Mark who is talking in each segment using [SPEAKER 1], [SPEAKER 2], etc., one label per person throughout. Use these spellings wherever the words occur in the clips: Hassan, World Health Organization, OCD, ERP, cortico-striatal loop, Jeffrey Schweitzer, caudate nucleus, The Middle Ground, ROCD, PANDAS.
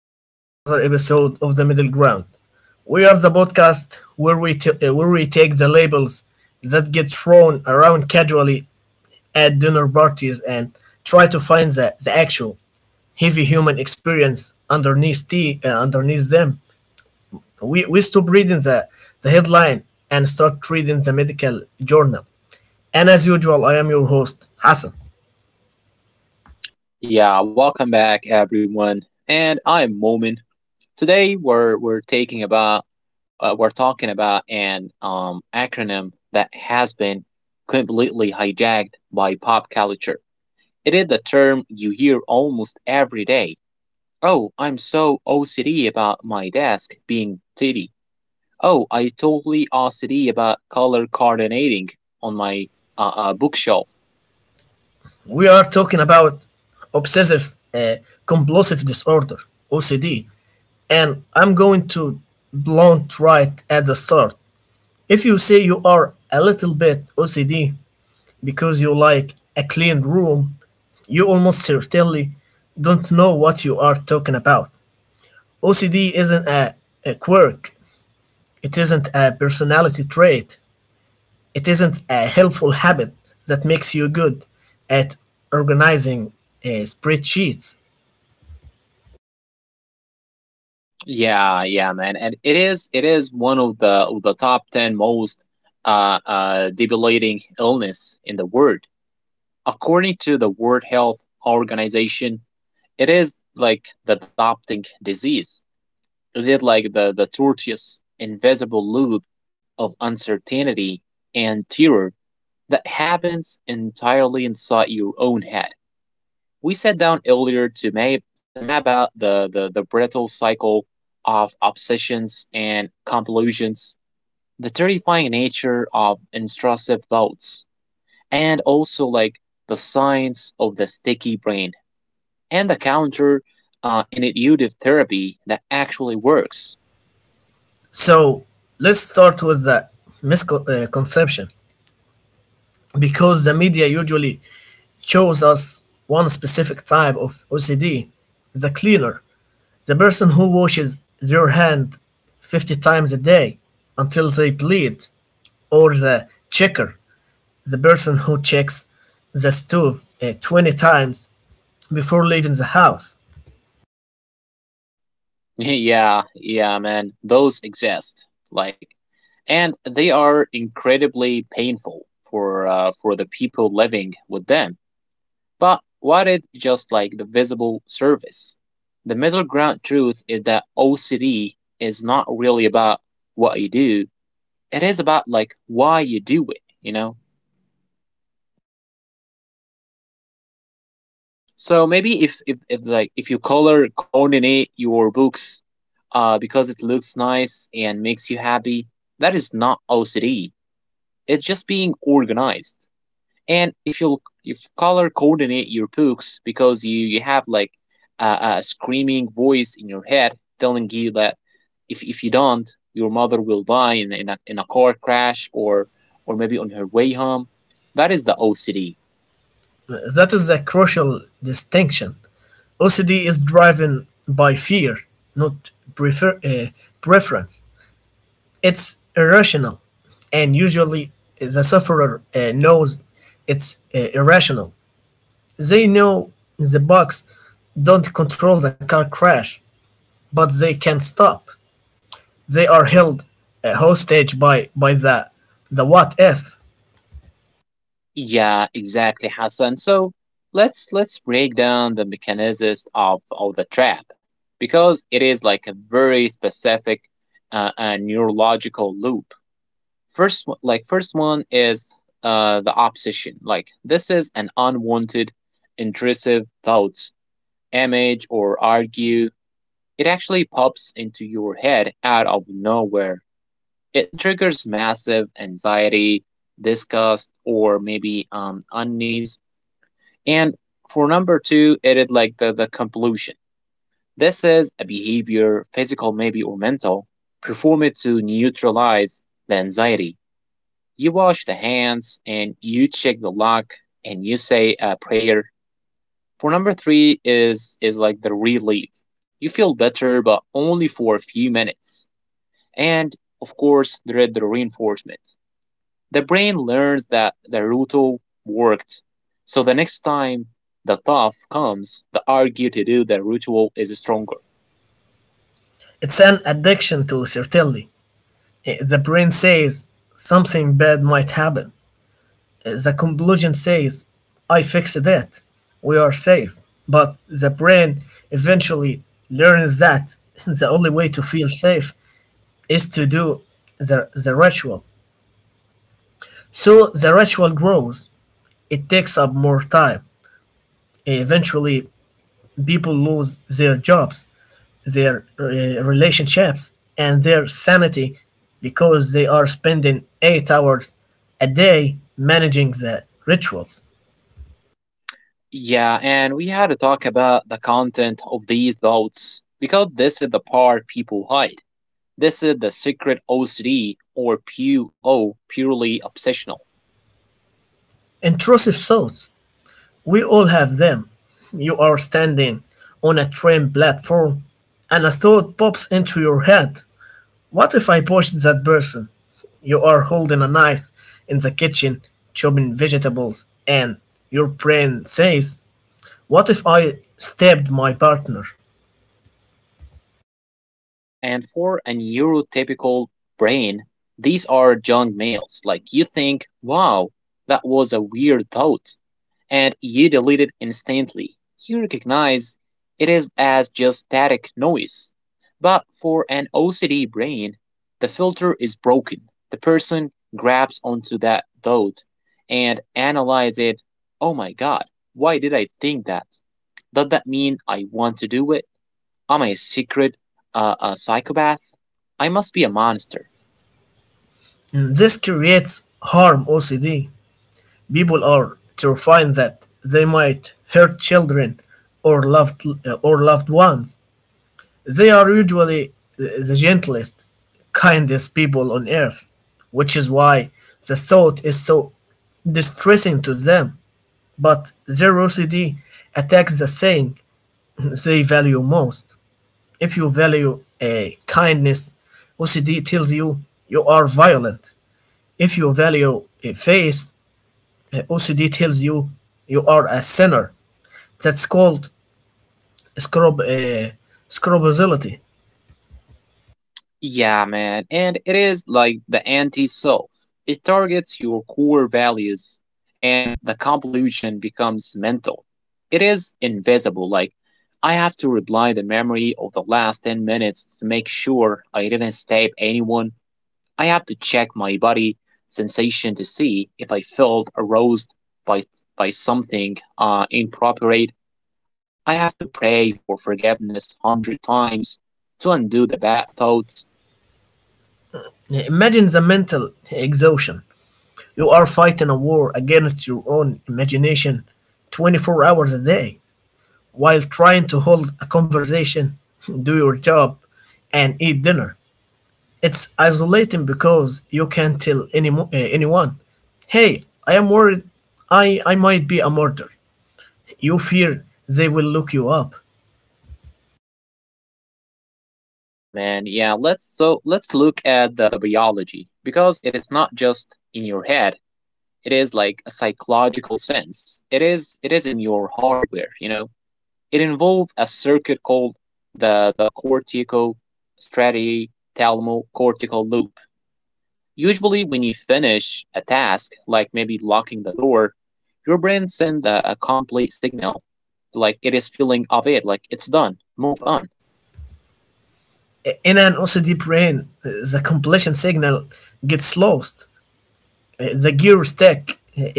[SPEAKER 1] back to another episode of The Middle Ground. We are the podcast where where we take the labels that get thrown around casually at dinner parties and try to find the actual heavy human experience underneath them. We stop reading the headline and start reading the medical journal. And as usual, I am your host, Hassan.
[SPEAKER 2] Yeah, welcome back everyone. And I'm Momin. Today we're taking about we're talking about an acronym that has been completely hijacked by pop culture. It is the term you hear almost every day. Oh, I'm so OCD about my desk being tidy. Oh, I totally OCD about color coordinating on my bookshelf.
[SPEAKER 1] We are talking about obsessive compulsive disorder, OCD, and I'm going to blunt right at the start. If you say you are a little bit OCD because you like a clean room, you almost certainly don't know what you are talking about. OCD isn't a quirk, it isn't a personality trait, it isn't a helpful habit that makes you good at organizing spreadsheets.
[SPEAKER 2] Yeah, yeah, man, and it is one of the top ten most debilitating illness in the world, according to the World Health Organization. It is like the adopting disease. It is like the tortuous invisible loop of uncertainty and terror that happens entirely inside your own head. We sat down earlier to map out the brittle cycle of obsessions and conclusions, the terrifying nature of intrusive thoughts, and also like the science of the sticky brain and the counter intuitive therapy that actually works.
[SPEAKER 1] So let's start with the misconception because the media usually shows us one specific type of OCD, the cleaner, the person who washes their hand 50 times a day until they bleed, or the checker, the person who checks the stove 20 times before leaving the house.
[SPEAKER 2] Yeah, yeah, man, those exist. Like, and they are incredibly painful for the people living with them. But what is just like the visible surface? The middle ground truth is that OCD is not really about what you do. It is about like why you do it, you know? So maybe if you color coordinate your books because it looks nice and makes you happy, that is not OCD. It's just being organized. And if you color coordinate your books because you have like a screaming voice in your head telling you that if you don't, your mother will die in a car crash, or maybe on her way home. That is the OCD.
[SPEAKER 1] That is the crucial distinction. OCD is driven by fear, not preference. It's irrational, and usually the sufferer knows it's irrational. They know the bugs don't control the car crash, but they can not stop. They are held hostage by, the what if.
[SPEAKER 2] Yeah, exactly, Hassan. So let's break down the mechanisms of the trap, because it is like a very specific neurological loop. First, first one is the opposition. Like this is an unwanted, intrusive thoughts, image, or argue. It actually pops into your head out of nowhere. It triggers massive anxiety, disgust, or maybe unease. And for number two, it is like the compulsion. This is a behavior, physical maybe or mental, performed to neutralize the anxiety. You wash the hands and you check the lock and you say a prayer. For number three is like the relief. You feel better, but only for a few minutes. And of course, there is the reinforcement. The brain learns that the routine worked, so the next time the tough comes, the argue to do the ritual is stronger.
[SPEAKER 1] It's an addiction to certainty. The brain says something bad might happen. The conclusion says, I fixed it, we are safe. But the brain eventually learns that the only way to feel safe is to do the ritual. So the ritual grows, it takes up more time. Eventually, people lose their jobs, their relationships, and their sanity because they are spending 8 hours a day managing the rituals.
[SPEAKER 2] Yeah, and we had to talk about the content of these thoughts because this is the part people hide. This is the secret OCD, or PO, purely obsessional.
[SPEAKER 1] Intrusive thoughts. We all have them. You are standing on a train platform and a thought pops into your head. What if I push that person? You are holding a knife in the kitchen, chopping vegetables, and your brain says, what if I stabbed my partner?
[SPEAKER 2] Yeah, and for a neurotypical brain, these are junk mails. Like you think, wow, that was a weird thought. And you delete it instantly. You recognize it is as just static noise. But for an OCD brain, the filter is broken. The person grabs onto that thought and analyzes it. Oh my god, why did I think that? Does that mean I want to do it? Am I a secret a psychopath? I must be a monster.
[SPEAKER 1] This creates harm OCD. People are terrified that they might hurt children or loved ones. They are usually the gentlest, kindest people on earth, which is why the thought is so distressing to them. But their OCD attacks the thing they value most. If you value a kindness, OCD tells you you are violent. If you value a faith, OCD tells you you are a sinner. That's called scrub, uh, scrupulosity.
[SPEAKER 2] Yeah, man. And it is like the anti self. It targets your core values, and the compulsion becomes mental. It is invisible. Like, I have to replay the memory of the last 10 minutes to make sure I didn't stab anyone. I have to check my body sensation to see if I felt aroused by, by something inappropriate. I have to pray for forgiveness 100 times to undo the bad thoughts.
[SPEAKER 1] Imagine the mental exhaustion. You are fighting a war against your own imagination 24 hours a day while trying to hold a conversation, do your job, and eat dinner. It's isolating because you can't tell anyone, hey, I am worried I might be a murderer. You fear they will look you up.
[SPEAKER 2] Yeah, man. Yeah, let's look at the biology, because it is not just in your head. It is like a psychological sense. It is in your hardware, you know. It involves a circuit called the cortico cortical loop. Usually when you finish a task, like maybe locking the door, your brain sends a complete signal, like it is feeling of it, like it's done. Move on.
[SPEAKER 1] In an OCD brain, the completion signal gets lost. The gear stick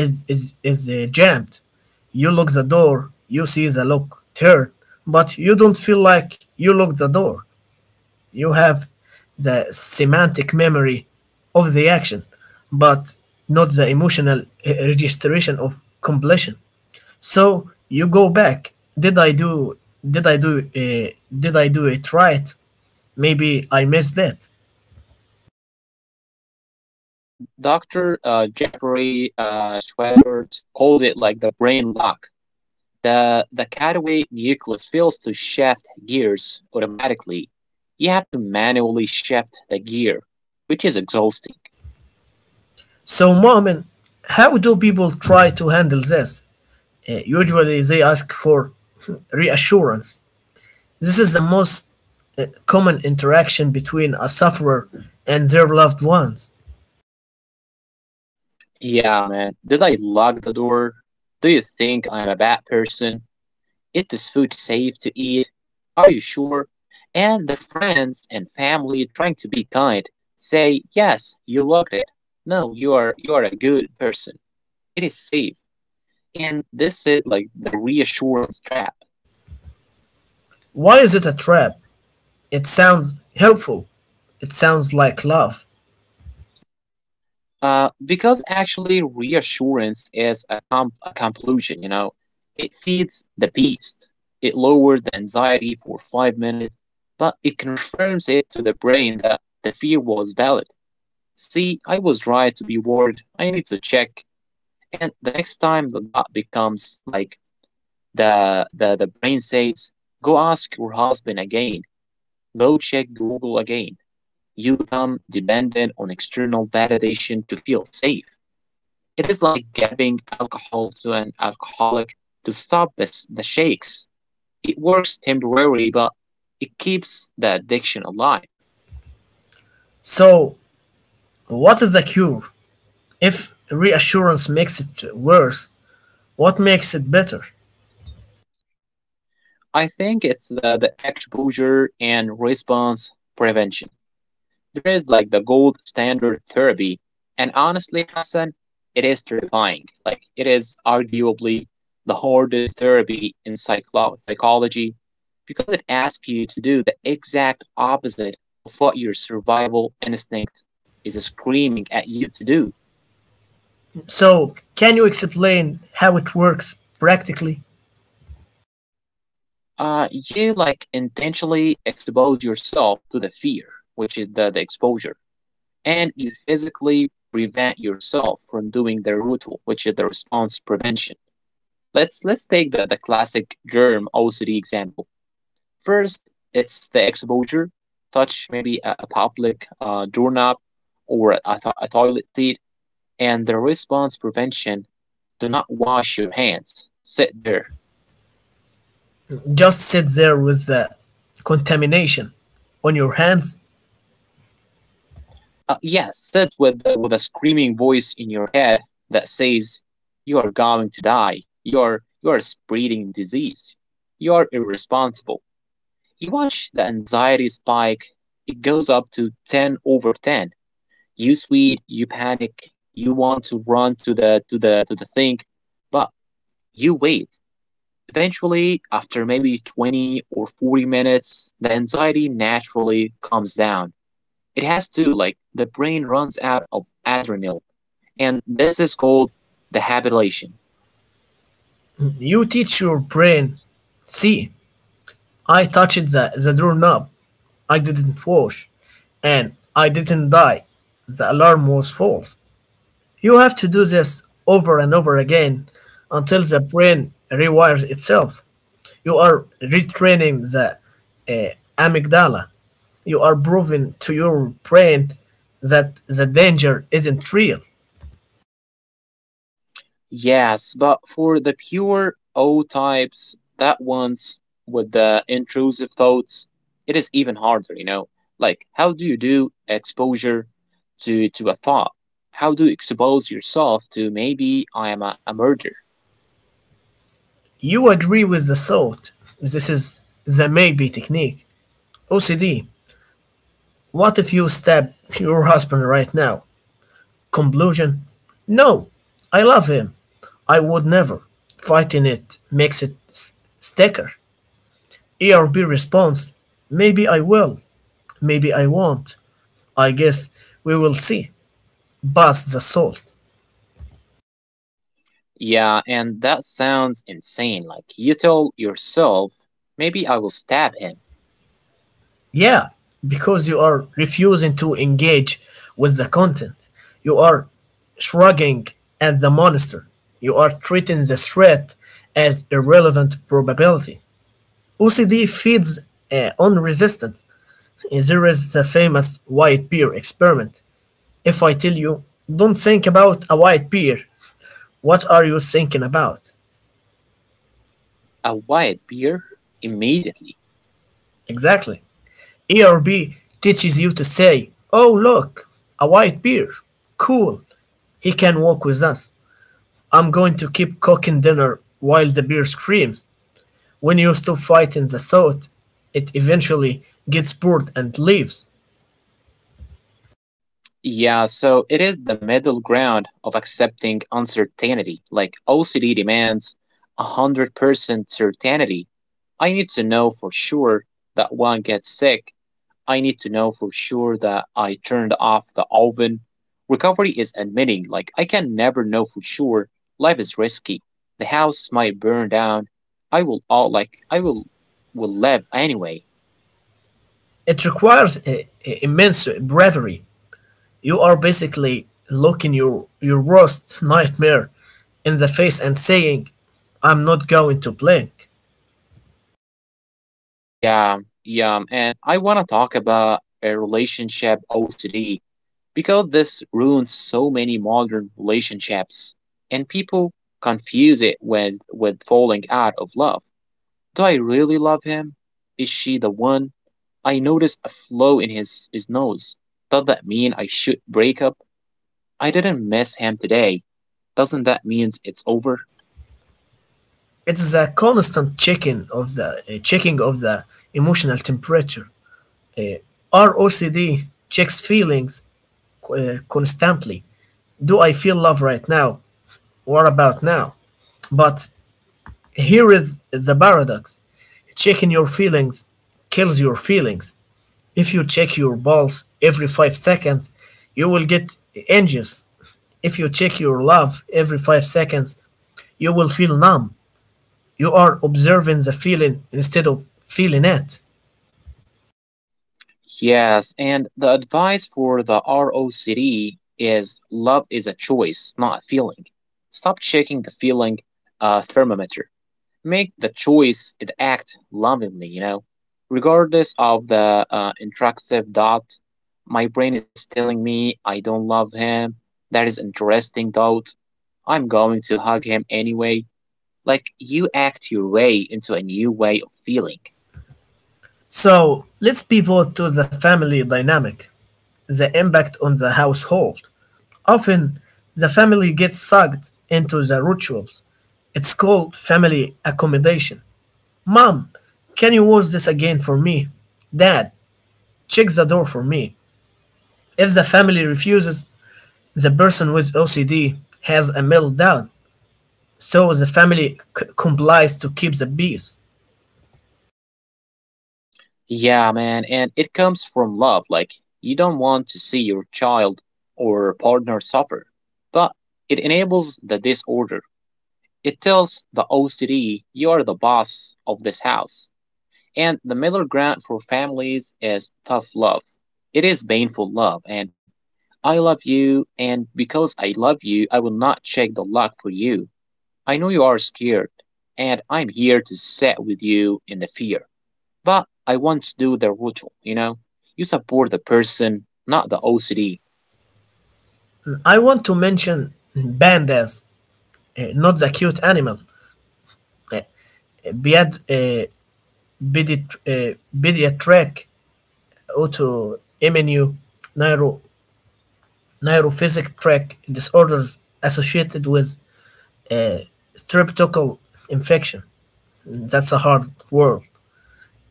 [SPEAKER 1] is, jammed. You lock the door, you see the lock turn, but you don't feel like you locked the door. You have the semantic memory of the action, but not the emotional registration of completion. So you go back. Did I do? Did I do? Uh, did I do it right? Maybe I missed that.
[SPEAKER 2] Yeah, and Dr. Jeffrey Schweitzer called it like the brain lock. The cutaway nucleus fails to shift gears automatically. You have to manually shift the gear, which is exhausting.
[SPEAKER 1] So, Mohammed, how do people try to handle this? Usually they ask for reassurance. This is the most common interaction between a sufferer and their loved ones.
[SPEAKER 2] Yeah, man. Did I lock the door? Do you think I'm a bad person? Is this food safe to eat? Are you sure? And the friends and family trying to be kind say, yes, you logged it. No, you are a good person. It is safe. And this is like the reassurance trap.
[SPEAKER 1] Why is it a trap? It sounds helpful. It sounds like love.
[SPEAKER 2] Because actually reassurance is a compulsion, you know. It feeds the beast. It lowers the anxiety for 5 minutes, but it confirms it to the brain that the fear was valid. See, I was right to be worried. I need to check. And the next time the dot becomes like the brain says, go ask your husband again. Go check Google again. You become dependent on external validation to feel safe. It is like giving alcohol to an alcoholic to stop this the shakes. It works temporarily, but it keeps the addiction alive.
[SPEAKER 1] So, what is the cure? If reassurance makes it worse, what makes it better?
[SPEAKER 2] I think it's the exposure and response prevention. There is like the gold standard therapy. And honestly, Hassan, it is terrifying. Like, it is arguably the hardest therapy in psychology, because it asks you to do the exact opposite of what your survival instinct is screaming at you to do.
[SPEAKER 1] So, can you explain how it works practically?
[SPEAKER 2] You like intentionally expose yourself to the fear, which is the exposure, and you physically prevent yourself from doing the ritual, which is the response prevention. Let's take the classic germ OCD example. First, it's the exposure. Touch maybe a public doorknob or a toilet seat, and the response prevention. Do not wash your hands. Sit there.
[SPEAKER 1] Just sit there with the contamination on your hands.
[SPEAKER 2] Yes, sit with with a screaming voice in your head that says, "You are going to die. You are spreading disease. You are irresponsible." You watch the anxiety spike. It goes up to 10 out of 10. You sweat, you panic, you want to run to the to the to the thing, but you wait. Eventually, after maybe 20 or 40 minutes, the anxiety naturally comes down. It has to, like the brain runs out of adrenaline, and this is called the habituation.
[SPEAKER 1] You teach your brain. See, I touched the doorknob. I didn't wash. And I didn't die. The alarm was false. You have to do this over and over again until the brain rewires itself. You are retraining the amygdala. You are proving to your brain that the danger isn't real.
[SPEAKER 2] Yes, but for the pure O types, that ones with the intrusive thoughts, it is even harder, you know. Like, how do you do exposure to a thought? How do you expose yourself to maybe I am a murderer?
[SPEAKER 1] You agree with the thought. This is the maybe technique. OCD. What if you stab your husband right now? Conclusion: no, I love him. I would never. Fighting it makes it sticker. ERB response: maybe I will, maybe I won't. I guess we will see. Buzz the salt.
[SPEAKER 2] Yeah, and that sounds insane. Like, you tell yourself, maybe I will stab him.
[SPEAKER 1] Yeah, because you are refusing to engage with the content. You are shrugging at the monster. You are treating the threat as irrelevant probability. OCD feeds on resistance. There is the famous white bear experiment. If I tell you, don't think about a white bear, what are you thinking about?
[SPEAKER 2] A white beer immediately.
[SPEAKER 1] Exactly. ERB teaches you to say, oh, look, a white bear. Cool. He can walk with us. I'm going to keep cooking dinner while the bear screams. When you stop fighting the thought, it eventually gets bored and leaves.
[SPEAKER 2] Yeah, so it is the middle ground of accepting uncertainty. Like OCD demands 100% certainty. I need to know for sure that one gets sick. I need to know for sure that I turned off the oven. Recovery is admitting, like, I can never know for sure. Life is risky. The house might burn down. I will live anyway.
[SPEAKER 1] It requires immense bravery. You are basically looking your worst nightmare in the face and saying, I'm not going to blink.
[SPEAKER 2] Yeah, yeah, and I want to talk about a relationship OCD, because this ruins so many modern relationships, and people confuse it with falling out of love. Do I really love him? Is she the one? I noticed a flaw in his nose. Does that mean I should break up? I didn't miss him today. Doesn't that means it's over?
[SPEAKER 1] It's a constant checking of the emotional temperature. Uh, our OCD checks feelings constantly. Do I feel love right now? What about now? But here is the paradox: checking your feelings kills your feelings. If you check your balls every 5 seconds, you will get anxious. If you check your love every 5 seconds, you will feel numb. You are observing the feeling instead of feeling it.
[SPEAKER 2] Yes, and the advice for the ROCD is love is a choice, not a feeling. Stop checking the feeling thermometer. Make the choice and act lovingly, you know. Regardless of the intrusive doubt, my brain is telling me I don't love him. That is interesting doubt. I'm going to hug him anyway. Like you act your way into a new way of feeling.
[SPEAKER 1] So let's pivot to the family dynamic, the impact on the household. Often, the family gets sucked into the rituals. It's called family accommodation. Mom, can you wash this again for me? Dad, check the door for me. If the family refuses, the person with OCD has a meltdown. So the family complies to keep the peace.
[SPEAKER 2] Yeah, man, and it comes from love. Like, you don't want to see your child or partner suffer, but it enables the disorder. It tells the OCD you are the boss of this house. And the middle ground for families is tough love. It is painful love, and I love you, and because I love you, I will not check the lock for you. I know you are scared, and I'm here to sit with you in the fear. But I want to do the ritual, you know? You support the person, not the OCD.
[SPEAKER 1] I want to mention pandas, not the cute animal. Uh, ped- uh, pediat- uh, Pediatric autoimmune neuro- neurophysic tract disorders associated with uh, streptococcal infection. That's a hard word.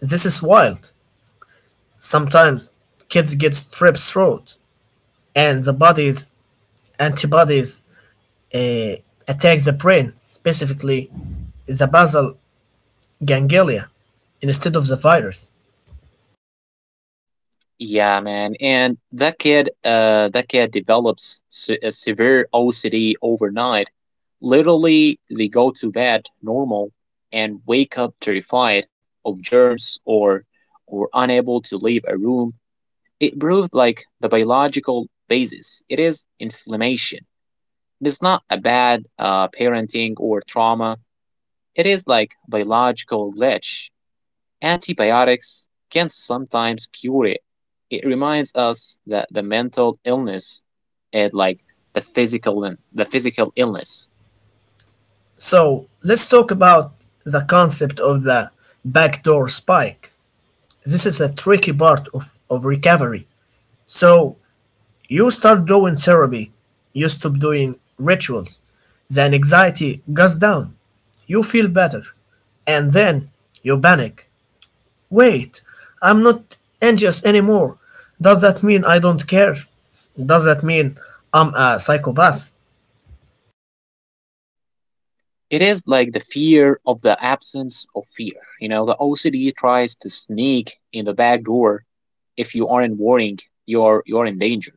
[SPEAKER 1] This is wild. Sometimes kids get strep throat and the body's antibodies uh, attack the brain, specifically the basal ganglia, instead of the virus.
[SPEAKER 2] Yeah, man. And that kid develops a severe OCD overnight. Literally, they go to bed normal and wake up terrified of germs or unable to leave a room. It proved like the biological basis. It is inflammation. It is not a bad parenting or trauma. It is like biological glitch. Antibiotics can sometimes cure it. It reminds us that the mental illness is like the physical illness.
[SPEAKER 1] So let's talk about the concept of the backdoor spike. This is a tricky part of recovery. So you start doing therapy, you stop doing rituals, the anxiety goes down, you feel better, and then you panic. Wait, I'm not anxious anymore. Does that mean I don't care? Does that mean I'm a psychopath?
[SPEAKER 2] It is like the fear of the absence of fear. You know, the OCD tries to sneak in the back door. If you aren't warning, you're in danger.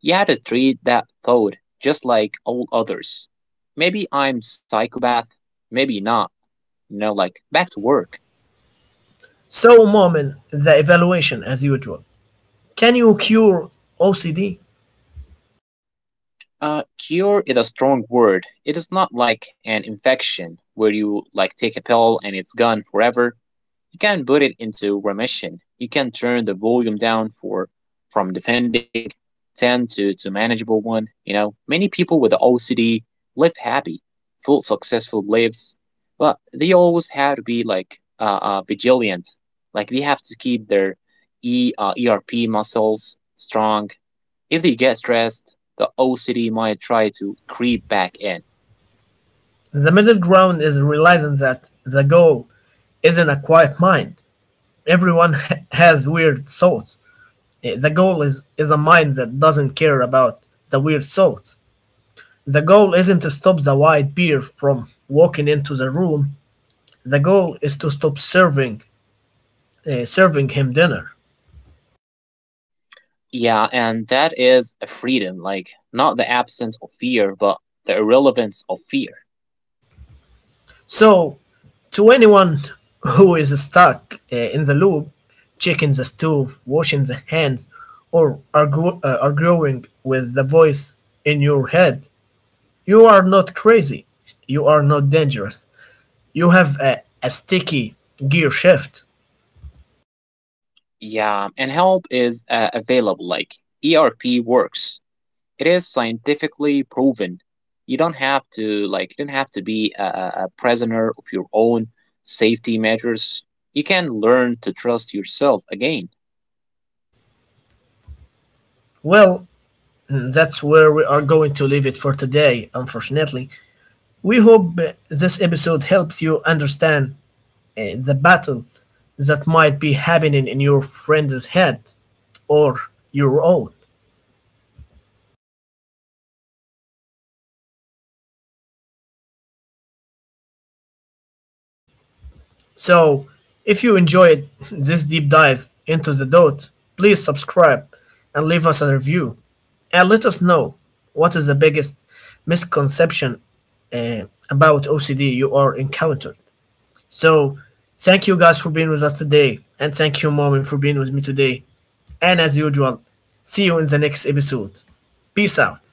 [SPEAKER 2] You have to treat that thought just like all others. Maybe I'm psychopath, maybe not. You know, like back to work.
[SPEAKER 1] So, Moment, the evaluation as usual. Can you cure OCD?
[SPEAKER 2] Cure is a strong word. It is not like an infection where you like take a pill and it's gone forever. You can put it into remission. You can turn the volume down for from defending 10 to manageable one. You know, many people with OCD live happy, full successful lives, but they always have to be like vigilant. Like they have to keep their E ERP muscles strong. If they get stressed, the OCD might try to creep back in.
[SPEAKER 1] The middle ground is realizing that the goal isn't a quiet mind. Everyone has weird thoughts. The goal is a mind that doesn't care about the weird thoughts. The goal isn't to stop the white bear from walking into the room. The goal is to stop serving him dinner.
[SPEAKER 2] Yeah, and that is a freedom, like not the absence of fear, but the irrelevance of fear.
[SPEAKER 1] So, to anyone who is stuck in the loop, checking the stove, washing the hands, or arguing with the voice in your head, you are not crazy. You are not dangerous. You have a sticky gear shift.
[SPEAKER 2] Yeah, and help is available, like ERP works. It is scientifically proven. You don't have to like you don't have to be a prisoner of your own safety measures. You can learn to trust yourself again.
[SPEAKER 1] Well, that's where we are going to leave it for today, unfortunately. We hope this episode helps you understand the battle that might be happening in your friend's head or your own.
[SPEAKER 2] Yeah, and as usual, if you enjoyed this deep dive into the dot, please
[SPEAKER 1] So, if
[SPEAKER 2] subscribe.
[SPEAKER 1] you enjoyed this deep dive into the dot, please subscribe and leave us a review and let us know what is the biggest misconception uh, about OCD you are encountered. So, thank you guys for being with us today, and thank you, Mommy, for being with me today. And as usual, see you in the next episode. Peace out.